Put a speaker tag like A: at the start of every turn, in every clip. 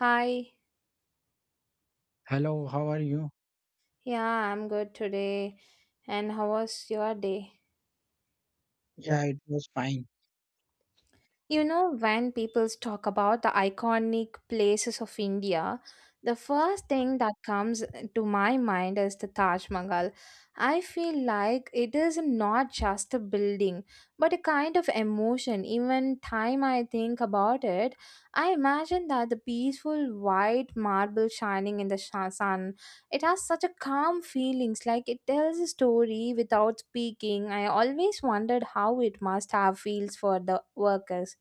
A: Hi,
B: Hello, how are you?
A: yeah, I'm good today. And how was your day?
B: Yeah, it was fine.
A: You know, when people talk about the iconic places of India, the first thing that comes to my mind is the Taj Mahal. I feel like it is not just a building, but a kind of emotion. Even time I think about it, I imagine that the peaceful white marble shining in the sun. It has such a calm feelings, like it tells a story without speaking. I always wondered how it must have feels for the workers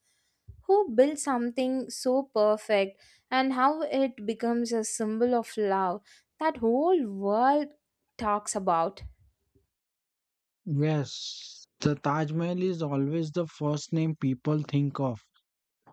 A: who built something so perfect and how it becomes a symbol of love that whole world talks about.
B: Yes, the Taj Mahal is always the first name people think of.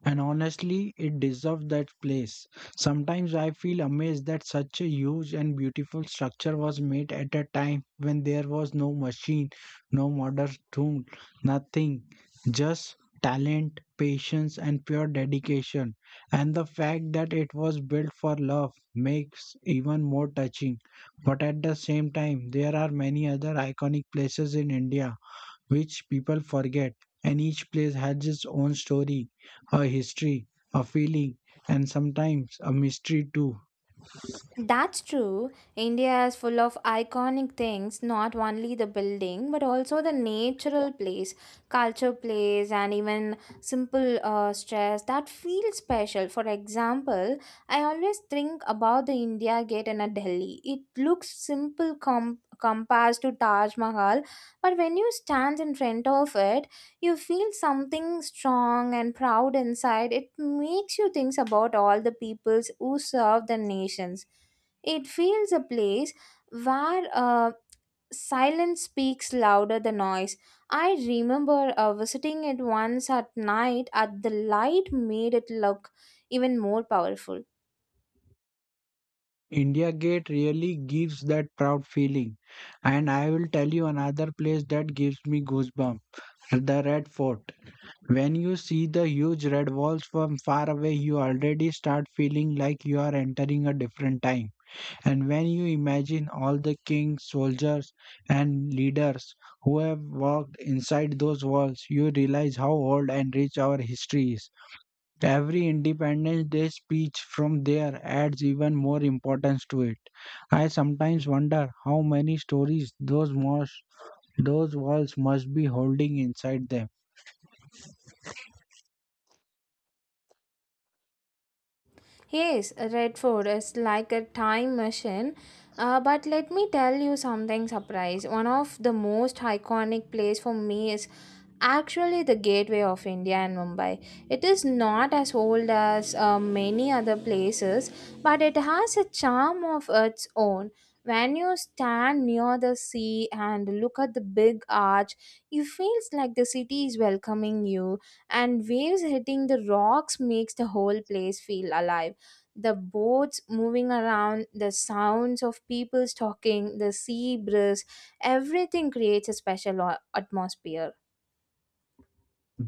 B: And honestly, it deserves that place. Sometimes I feel amazed that such a huge and beautiful structure was made at a time when there was no machine, no modern tool, nothing, just talent, patience, and pure dedication. And the fact that it was built for love makes even more touching. But at the same time, there are many other iconic places in India which people forget, and each place has its own story, a history, a feeling, and sometimes a mystery too.
A: That's true. India is full of iconic things, not only the building, but also the natural place, culture place, and even simple stress that feel special. For example, I always think about the India Gate in a Delhi. It looks simple compared to Taj Mahal, but when you stand in front of it, you feel something strong and proud inside. It makes you think about all the peoples who serve the nations. It feels a place where silence speaks louder than noise. I remember visiting it once at night, and the light made it look even more powerful.
B: India Gate really gives that proud feeling. And I will tell you another place that gives me goosebumps, the Red Fort. When you see the huge red walls from far away, you already start feeling like you are entering a different time. And when you imagine all the kings, soldiers, and leaders who have walked inside those walls, you realize how old and rich our history is. Every Independence Day speech from there adds even more importance to it. I sometimes wonder how many stories those walls must be holding inside them.
A: Yes, Redford is like a time machine. But let me tell you something surprise. One of the most iconic place for me is actually the gateway of India and Mumbai. It is not as old as many other places, but it has a charm of its own. When you stand near the sea and look at the big arch, it feels like the city is welcoming you, and waves hitting the rocks makes the whole place feel alive. The boats moving around, the sounds of people talking, the sea breeze, everything creates a special atmosphere.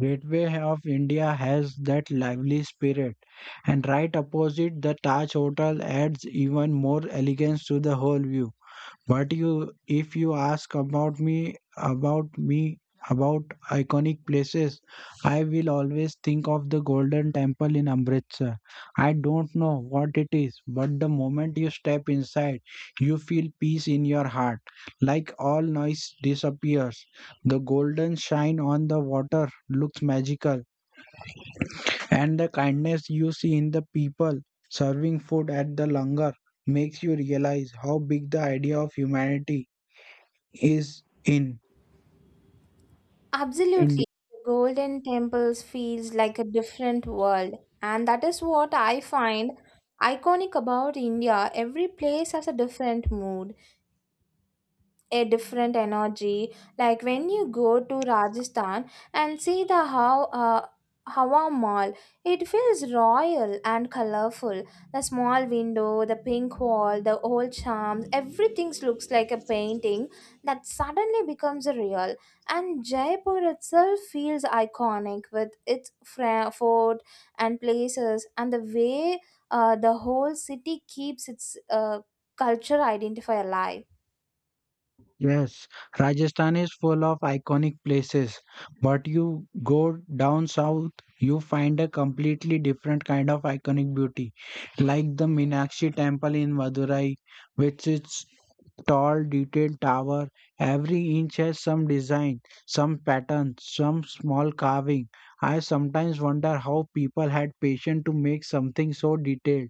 B: Gateway of India has that lively spirit, and right opposite the Taj Hotel adds even more elegance to the whole view. If you ask about me, about iconic places, I will always think of the Golden Temple in Amritsar. I don't know what it is, but the moment you step inside, you feel peace in your heart, like all noise disappears. The golden shine on the water looks magical, and the kindness you see in the people serving food at the langar makes you realize how big the idea of humanity is in India.
A: Absolutely. The Golden Temples feels like a different world, and that is what I find iconic about India. Every place has a different mood, a different energy, like when you go to Rajasthan and see the how Hawa Mall. It feels royal and colorful. The small window, the pink wall, the old charms, everything looks like a painting that suddenly becomes real. And Jaipur itself feels iconic with its fort and places, and the way the whole city keeps its culture identify alive.
B: Yes, Rajasthan is full of iconic places, but you go down south, you find a completely different kind of iconic beauty, like the Meenakshi Temple in Madurai, with its tall, detailed tower. Every inch has some design, some pattern, some small carving. I sometimes wonder how people had patience to make something so detailed.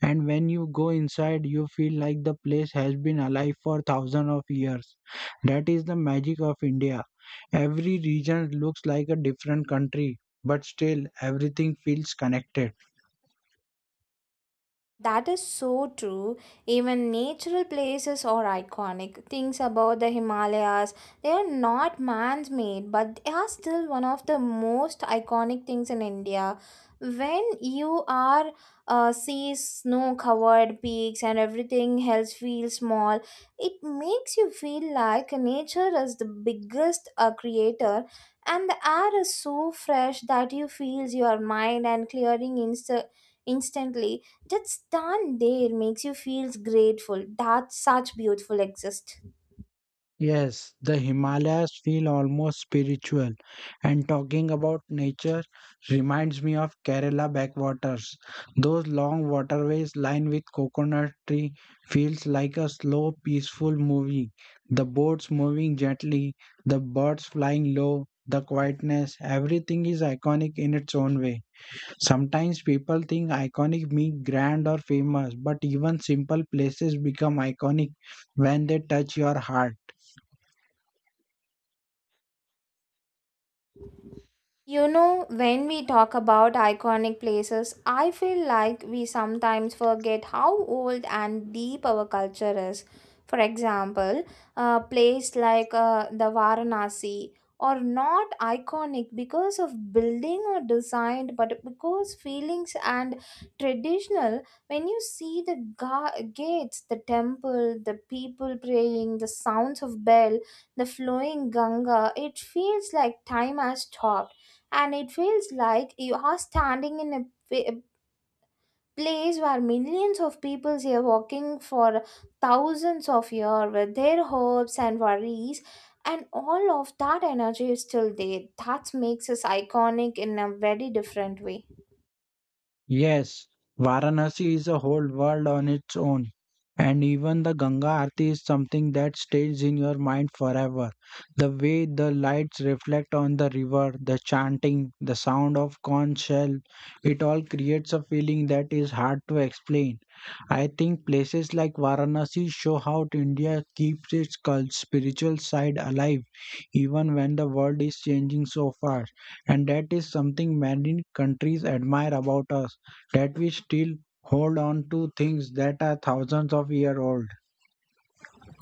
B: And when you go inside, you feel like the place has been alive for thousands of years. That is the magic of india. Every region looks like a different country, but still everything feels connected.
A: That is so true. Even natural places are iconic. Things about the Himalayas, they are not man's made, but they are still one of the most iconic things in India. When you are see snow covered peaks and everything else feels small, it makes you feel like nature is the biggest creator, and the air is so fresh that you feels your mind and clearing instantly. Just stand there makes you feel grateful that such beautiful exist.
B: Yes, the Himalayas feel almost spiritual. And talking about nature reminds me of Kerala backwaters. Those long waterways lined with coconut tree feels like a slow, peaceful movie. The boats moving gently, the birds flying low, the quietness, everything is iconic in its own way. Sometimes people think iconic means grand or famous, but even simple places become iconic when they touch your heart.
A: You know, when we talk about iconic places, I feel like we sometimes forget how old and deep our culture is. For example, a place like the Varanasi are not iconic because of building or design, but because feelings and traditional. When you see the gates, the temple, the people praying, the sounds of bell, the flowing Ganga, it feels like time has stopped, and it feels like you are standing in a pa- place where millions of people are walking for thousands of years with their hopes and worries, and all of that energy is still there. That makes us iconic in a very different way.
B: Yes, Varanasi is a whole world on its own. And even the Ganga Aarti is something that stays in your mind forever. The way the lights reflect on the river, the chanting, the sound of conch shell, it all creates a feeling that is hard to explain. I think places like Varanasi show how India keeps its cult spiritual side alive even when the world is changing so fast. And that is something many countries admire about us, that we still hold on to things that are thousands of years old.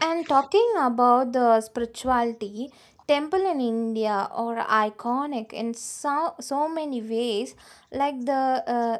A: And talking about the spirituality, temple in India are iconic in so, so many ways, like the uh,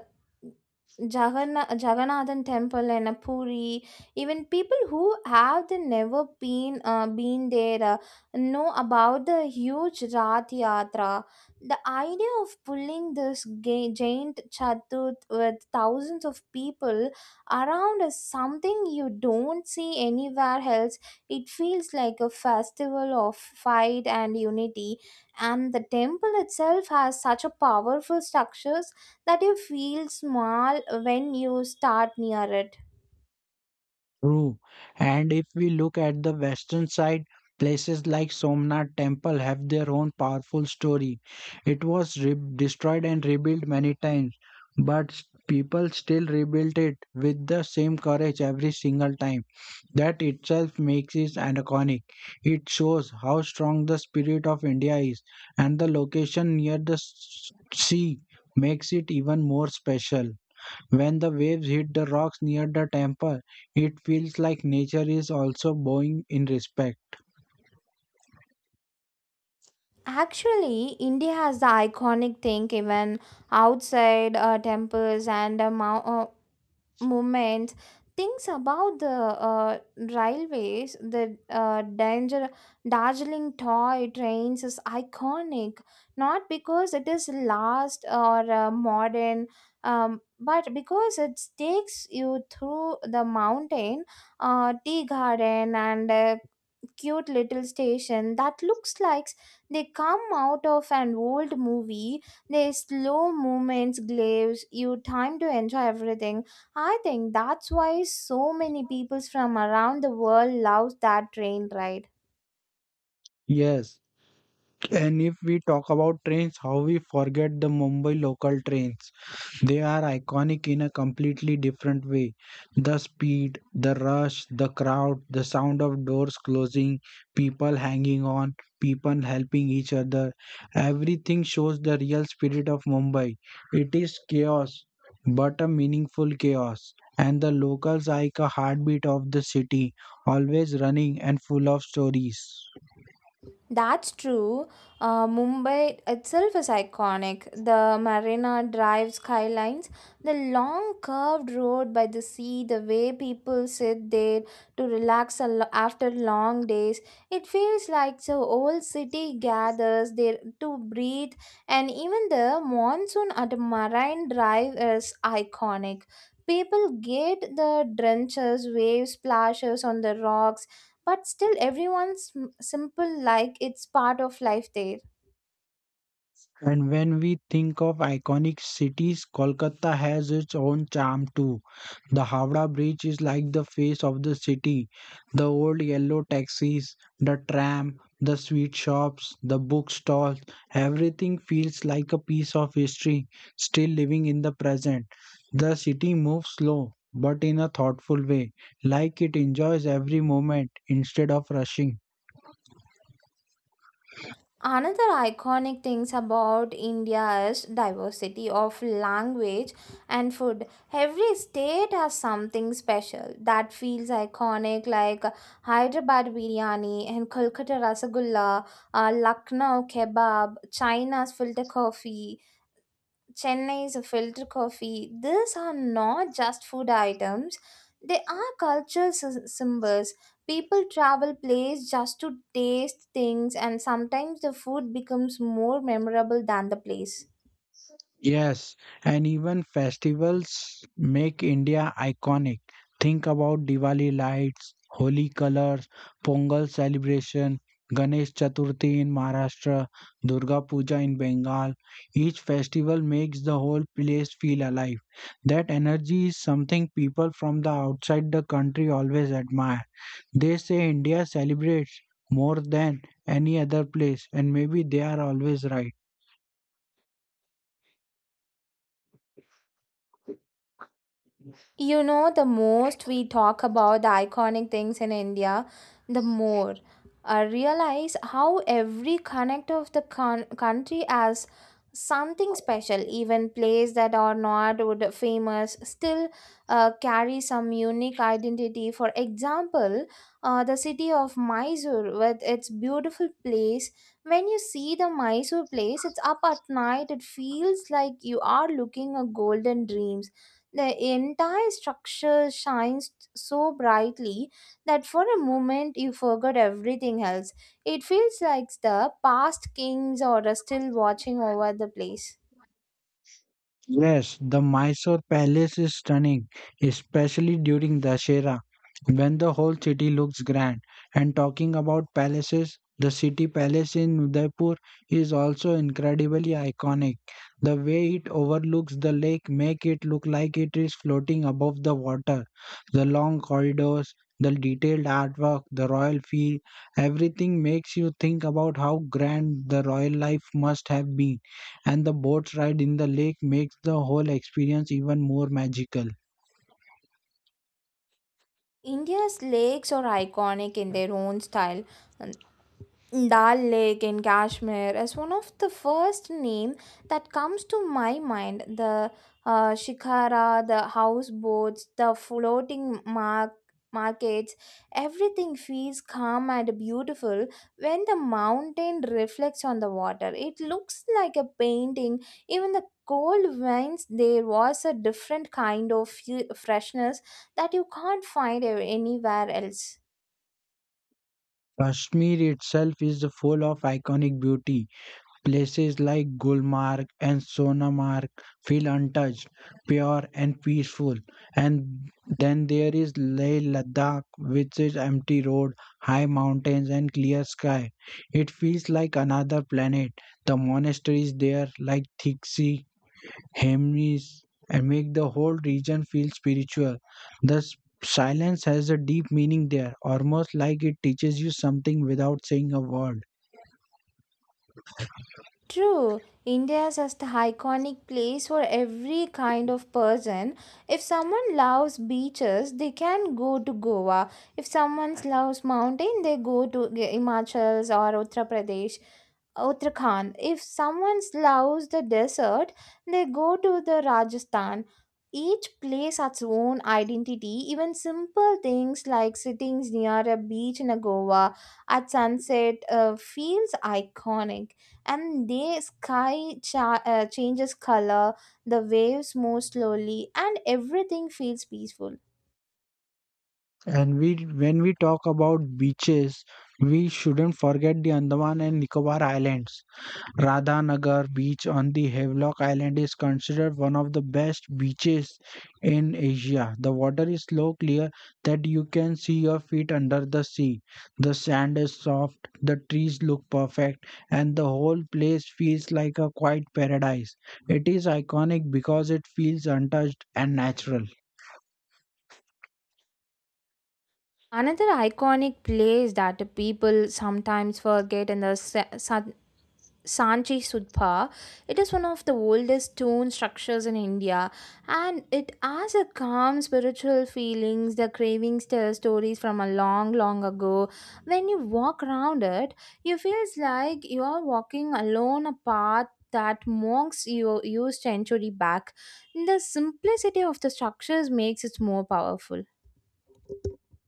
A: Jaganna- Jagannathan temple in a Puri. Even people who have the never been been there know about the huge Rath Yatra. The idea of pulling this giant chatut with thousands of people around is something you don't see anywhere else. It feels like a festival of fight and unity, and the temple itself has such a powerful structures that you feel small when you start near it.
B: True. And if we look at the western side, places like Somnath Temple have their own powerful story. It was destroyed and rebuilt many times, but people still rebuilt it with the same courage every single time. That itself makes it an iconic. It shows how strong the spirit of India is, and the location near the sea makes it even more special. When the waves hit the rocks near the temple, it feels like nature is also bowing in respect.
A: Actually, India has the iconic thing even outside temples and movement. Things about the railways, the danger Darjeeling toy trains is iconic, not because it is last or modern, but because it takes you through the mountain, tea garden, and cute little station that looks like they come out of an old movie. Their slow movements gives you time to enjoy everything. I think that's why so many people from around the world love that train ride.
B: Yes, and if we talk about trains, how we forget the Mumbai local trains. They are iconic in a completely different way. The speed, the rush, the crowd, the sound of doors closing, people hanging on, people helping each other. Everything shows the real spirit of Mumbai. It is chaos, but a meaningful chaos. And the locals are like a heartbeat of the city, always running and full of stories.
A: That's true. Mumbai itself is iconic. The Marina Drive skylines, the long curved road by the sea, the way people sit there to relax a after long days. It feels like the whole city gathers there to breathe, and even the monsoon at Marine Drive is iconic. People get the drenches, waves, splashes on the rocks, but still everyone's simple like it's part of life there.
B: And when we think of iconic cities, Kolkata has its own charm too. The Howrah Bridge is like the face of the city. The old yellow taxis, the tram, the sweet shops, the bookstores, everything feels like a piece of history still living in the present. The city moves slow but in a thoughtful way, like it enjoys every moment instead of rushing.
A: Another iconic things about India is diversity of language and food. Every state has something special that feels iconic, like Hyderabad biryani and Kolkata rasagulla, Lucknow kebab, China's filter coffee, Chennai's filter coffee. These are not just food items, they are cultural symbols. People travel place just to taste things, and sometimes the food becomes more memorable than the place.
B: Yes, and even festivals make India iconic. Think about Diwali lights, Holi colors, Pongal celebration, Ganesh Chaturthi in Maharashtra, Durga Puja in Bengal. Each festival makes the whole place feel alive. That energy is something people from the outside the country always admire. They say India celebrates more than any other place, and maybe they are always right.
A: You know, the most we talk about the iconic things in India, the more I realize how every connect of the country has something special. Even places that are not famous still carry some unique identity. For example, the city of Mysore with its beautiful place. When you see the Mysore place, it's up at night. It feels like you are looking a golden dreams. The entire structure shines so brightly that for a moment you forget everything else. It feels like the past kings are still watching over the place.
B: Yes, the Mysore Palace is stunning, especially during Dashera, when the whole city looks grand. And talking about palaces, the city palace in Udaipur is also incredibly iconic. The way it overlooks the lake make it look like it is floating above the water. The long corridors, the detailed artwork, the royal feel, everything makes you think about how grand the royal life must have been, and the boat ride in the lake makes the whole experience even more magical.
A: India's lakes are iconic in their own style. Dal Lake in Kashmir is one of the first name that comes to my mind. The shikara, the houseboats, the floating markets, everything feels calm and beautiful. When the mountain reflects on the water, it looks like a painting. Even the cold winds, there was a different kind of freshness that you can't find anywhere else.
B: Kashmir itself is full of iconic beauty. Places like Gulmarg and Sonamarg feel untouched, pure and peaceful. And then there is Leh Ladakh with its empty road, high mountains and clear sky. It feels like another planet. The monasteries there like Thiksi hymns and make the whole region feel spiritual. The silence has a deep meaning there, almost like it teaches you something without saying a word.
A: True, India is just the iconic place for every kind of person. If someone loves beaches, they can go to Goa. If someone loves mountain, they go to Himachals or Uttar Pradesh. Uttarakhand. If someone loves the desert, they go to the Rajasthan. Each place has its own identity. Even simple things like sitting near a beach in a Goa at sunset feels iconic. And the sky changes color, the waves move slowly, and everything feels peaceful.
B: And when we talk about beaches, we shouldn't forget the Andaman and Nicobar Islands. Radhanagar beach on the Havelock Island is considered one of the best beaches in Asia. The water is so clear that you can see your feet under the sea. The sand is soft, the trees look perfect, and the whole place feels like a quiet paradise. It is iconic because it feels untouched and natural.
A: Another iconic place that people sometimes forget in the Sanchi Sudpa. It is one of the oldest stone structures in India, and it has a calm spiritual feelings. The cravings tell stories from a long, long ago. When you walk around it, you feels like you are walking alone a path that monks used century back. The simplicity of the structures makes it more powerful.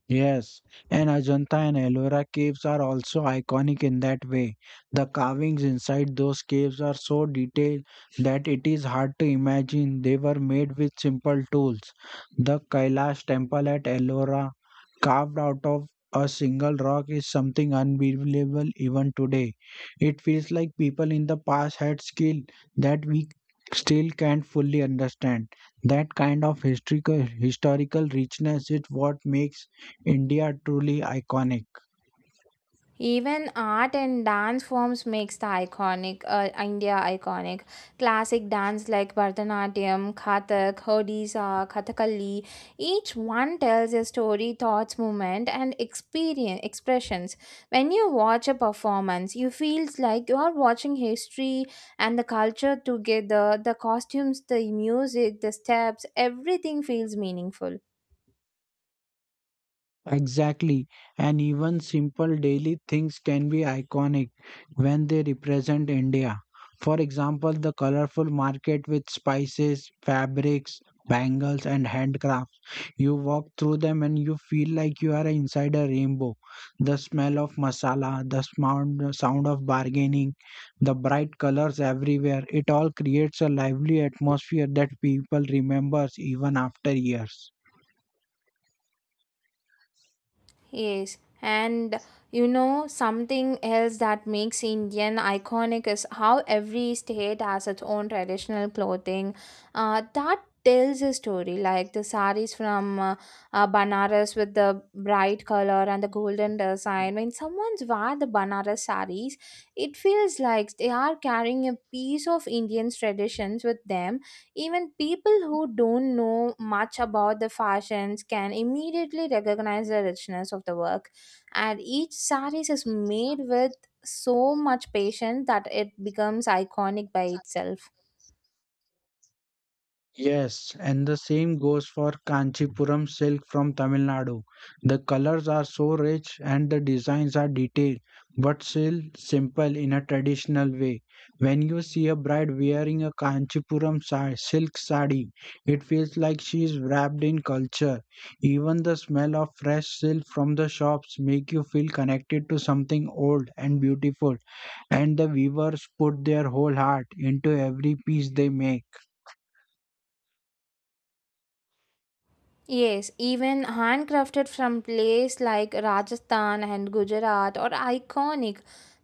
B: Yes, and Ajanta and Ellora caves are also iconic in that way. The carvings inside those caves are so detailed that it is hard to imagine they were made with simple tools. The Kailash temple at Ellora carved out of a single rock is something unbelievable even today. It feels like people in the past had skill that we still can't fully understand. That kind of historical richness is what makes India truly iconic.
A: Even art and dance forms makes the iconic India iconic. Classic dance like Bharatanatyam, Kathak, Odisha, Kathakali, each one tells a story, thoughts, movement, and experience expressions. When you watch a performance, you feels like you are watching history and the culture together. The costumes, the music, the steps, everything feels meaningful.
B: Exactly, and even simple daily things can be iconic when they represent India. For example, the colorful market with spices, fabrics, bangles, and handcrafts. You walk through them and you feel like you are inside a rainbow. The smell of masala, the sound of bargaining, the bright colors everywhere, it all creates a lively atmosphere that people remembers even after years.
A: Yes, and you know, something else that makes Indian iconic is how every state has its own traditional clothing that tells a story. Like the saris from Banaras with the bright color and the golden design. When someone's wear the Banaras saris, it feels like they are carrying a piece of Indian's traditions with them. Even people who don't know much about the fashions can immediately recognize the richness of the work. And each sari is made with so much patience that it becomes iconic by itself.
B: Yes, and the same goes for Kanchipuram silk from Tamil Nadu. The colors are so rich and the designs are detailed, but still simple in a traditional way. When you see a bride wearing a Kanchipuram silk sari, it feels like she is wrapped in culture. Even the smell of fresh silk from the shops make you feel connected to something old and beautiful, and the weavers put their whole heart into every piece they make.
A: Yes, even handcrafted from place like Rajasthan and Gujarat are iconic.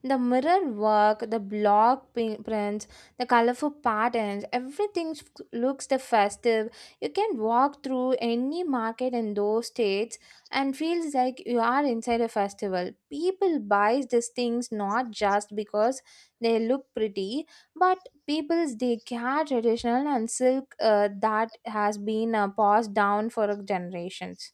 A: The mirror work, the block prints, the colorful patterns, everything looks the festive. You can walk through any market in those states and feels like you are inside a festival. People buy these things not just because they look pretty, but peoples they care traditional and silk that has been passed down for generations.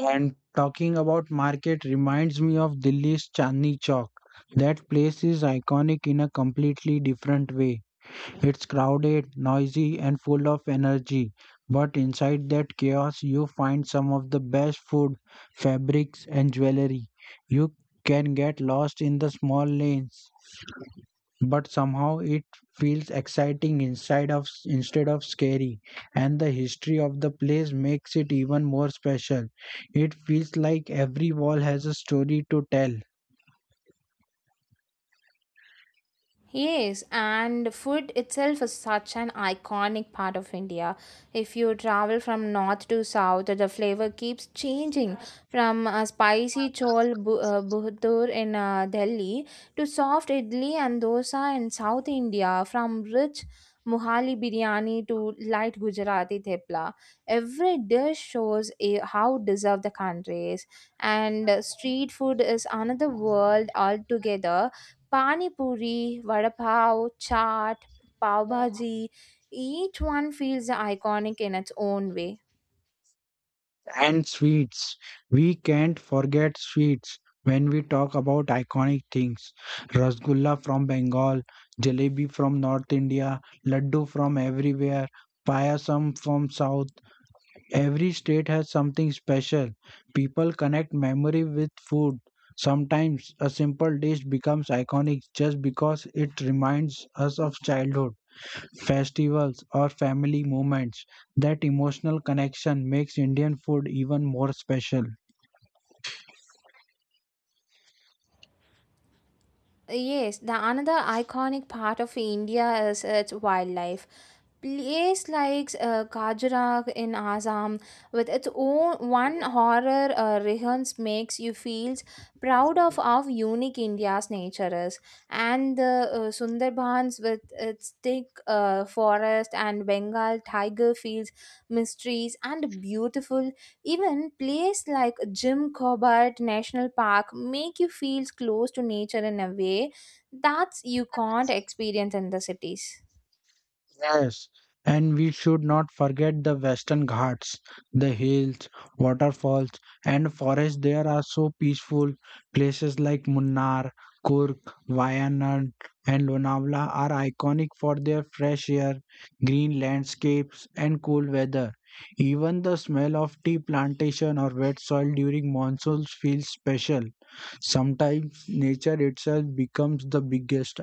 B: And talking about market reminds me of Delhi's Chandni Chowk. That place is iconic in a completely different way. It's crowded, noisy, and full of energy. But inside that chaos, you find some of the best food, fabrics, and jewelry. You can get lost in the small lanes, but somehow it feels exciting inside of instead of scary. And the history of the place makes it even more special. It feels like every wall has a story to tell.
A: Yes, and food itself is such an iconic part of India. If you travel from north to south, the flavor keeps changing from a spicy buhtur in Delhi to soft idli and dosa in South India, from rich Mohali biryani to light Gujarati thepla. Every dish shows a, how deserved the country is, and street food is another world altogether. Pani Puri, Vada Pav, Chaat, Pav Bhaji, each one feels iconic in its own way.
B: And sweets, we can't forget sweets when we talk about iconic things. Rasgulla from Bengal, jalebi from North India, laddu from everywhere, payasam from South. Every state has something special. People connect memory with food. Sometimes a simple dish becomes iconic just because it reminds us of childhood, festivals, or family moments. That emotional connection makes Indian food even more special.
A: Yes, the another iconic part of India is its wildlife. Place like Kajrak in Assam with its own one horror rehearse makes you feel proud of how unique India's nature is. And the Sundarbans with its thick forest and Bengal tiger fields mysteries and beautiful. Even place like Jim Corbett National Park make you feel close to nature in a way that you can't experience in the cities.
B: Yes, and we should not forget the Western Ghats, the hills, waterfalls, and forests. There are so peaceful places like Munnar, Kurk, Wayanad, and Lonavala are iconic for their fresh air, green landscapes, and cool weather. Even the smell of tea plantation or wet soil during monsoons feels special. Sometimes nature itself becomes the biggest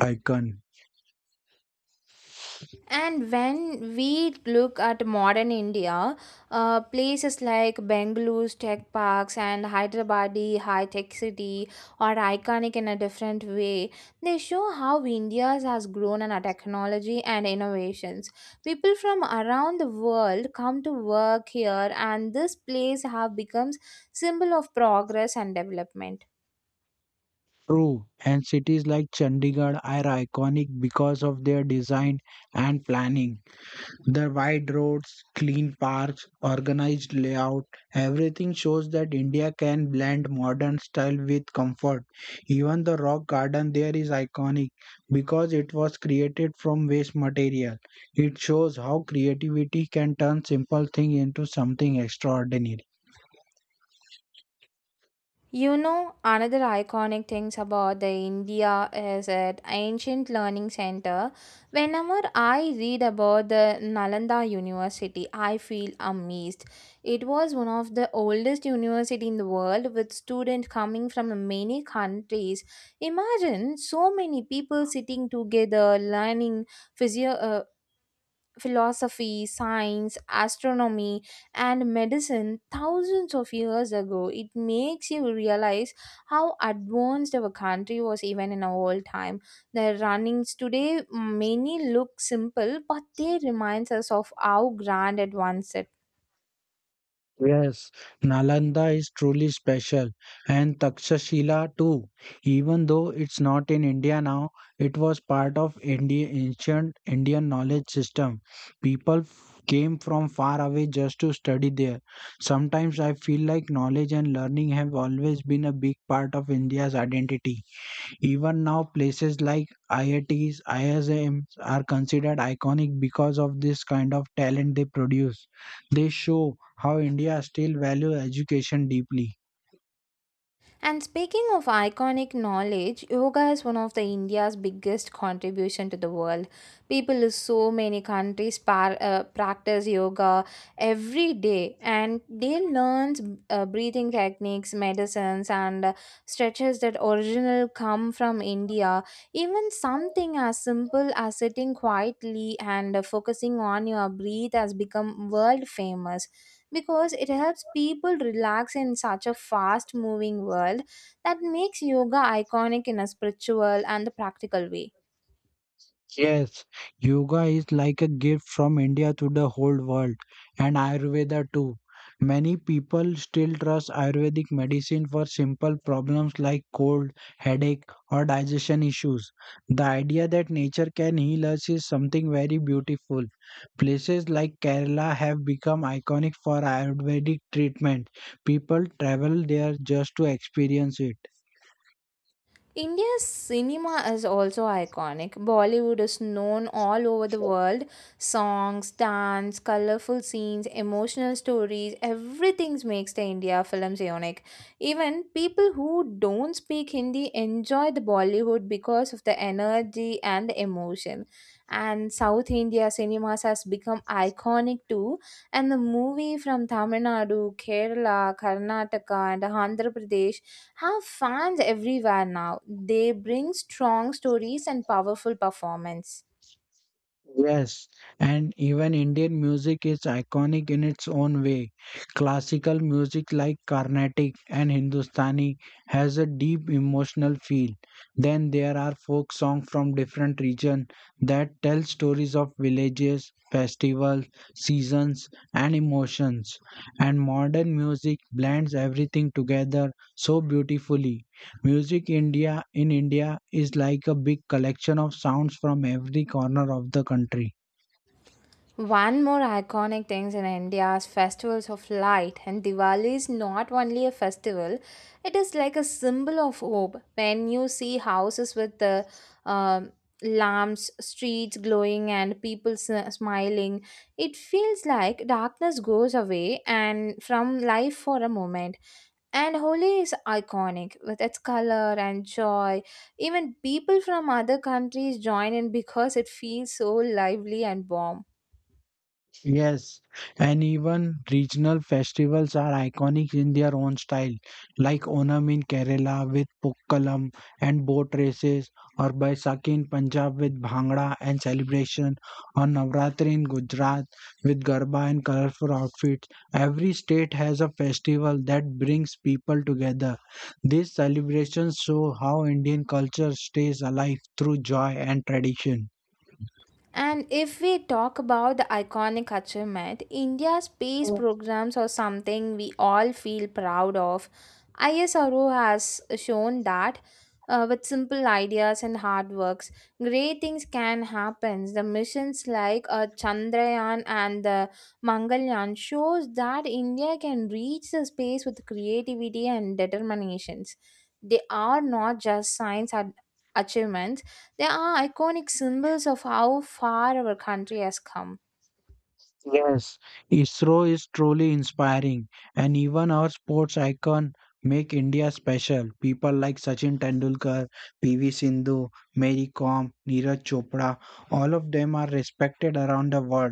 B: icon.
A: And when we look at modern India, places like Bengaluru's tech parks and Hyderabadi high tech city are iconic in a different way. They show how India has grown in our technology and innovations. People from around the world come to work here, and this place have becomes symbol of progress and development.
B: True, and cities like Chandigarh are iconic because of their design and planning. The wide roads, clean parks, organized layout, everything shows that India can blend modern style with comfort. Even the rock garden there is iconic because it was created from waste material. It shows how creativity can turn simple thing into something extraordinary.
A: You know, another iconic things about the India is at ancient learning center. Whenever I read about the Nalanda University, I feel amazed. It was one of the oldest university in the world with students coming from many countries. Imagine so many people sitting together learning physio- uh, philosophy, science, astronomy, and medicine thousands of years ago. It makes you realize how advanced our country was even in our old time. The runnings today, many look simple, but they reminds us of how grand it once it.
B: Yes, Nalanda is truly special, and Takshashila too. Even though it's not in India now, it was part of India ancient Indian knowledge system. People came from far away just to study there. Sometimes I feel like knowledge and learning have always been a big part of India's identity. Even now, places like IITs, ISMs are considered iconic because of this kind of talent they produce. They show how India still values education deeply.
A: And speaking of iconic knowledge, yoga is one of the India's biggest contribution to the world. People in so many countries practice yoga every day, and they learn breathing techniques, medicines, and stretches that original come from India. Even something as simple as sitting quietly and focusing on your breath has become world famous because it helps people relax in such a fast moving world. That makes yoga iconic in a spiritual and the practical way.
B: Yes, yoga is like a gift from India to the whole world, and Ayurveda too. Many people still trust Ayurvedic medicine for simple problems like cold, headache, or digestion issues. The idea that nature can heal us is something very beautiful. Places like Kerala have become iconic for Ayurvedic treatment. People travel there just to experience it.
A: India's cinema is also iconic. Bollywood is known all over the world. Songs, dance, colorful scenes, emotional stories, everything makes the India films unique. Even people who don't speak Hindi enjoy the Bollywood because of the energy and the emotion. And South India cinemas has become iconic too. And the movie from Tamil Nadu, Kerala, Karnataka, and Andhra Pradesh have fans everywhere now. They bring strong stories and powerful performance.
B: Yes, and even Indian music is iconic in its own way. Classical music like Carnatic and Hindustani has a deep emotional feel. Then there are folk songs from different regions that tell stories of villages, festivals, seasons and emotions. And modern music blends everything together so beautifully. Music India in India is like a big collection of sounds from every corner of the country.
A: One more iconic things in India's festivals of light, and Diwali is not only a festival, it is like a symbol of hope. When you see houses with the um lamps, streets glowing and people smiling, it feels like darkness goes away and from life for a moment. And Holi is iconic with its color and joy. Even people from other countries join in because it feels so lively and warm.
B: Yes, and even regional festivals are iconic in their own style, like Onam in Kerala with Pukkalam and boat races, or Baisakhi in Punjab with Bhangra and celebration, or Navratri in Gujarat with Garba and colorful outfits. Every state has a festival that brings people together. These celebrations show how Indian culture stays alive through joy and tradition.
A: And if we talk about the iconic achievement, India's space programs are something we all feel proud of. ISRO has shown that with simple ideas and hard works, great things can happen. The missions like Chandrayaan and the Mangalyaan shows that India can reach the space with creativity and determinations. They are not just achievements, they are iconic symbols of how far our country has come.
B: Yes, ISRO is truly inspiring, and even our sports icon make India special. People like Sachin Tendulkar, PV Sindhu, Mary Kom, Neeraj Chopra, all of them are respected around the world.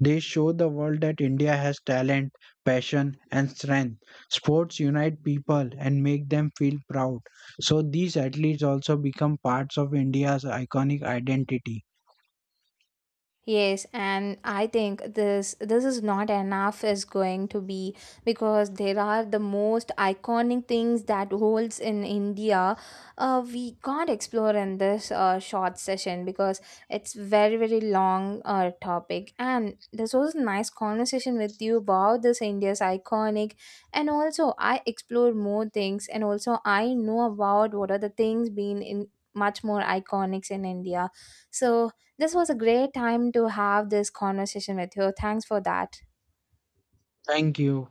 B: They show the world that India has talent, passion, and strength. Sports unite people and make them feel proud. So these athletes also become parts of India's iconic identity.
A: Yes, and I think this is not enough is going to be, because there are the most iconic things that holds in India. We can't explore in this short session because it's very long topic. And this was a nice conversation with you about this India's iconic, and also I explore more things, and also I know about what are the things being in much more iconics in India. So this was a great time to have this conversation with you. Thanks for that.
B: Thank you.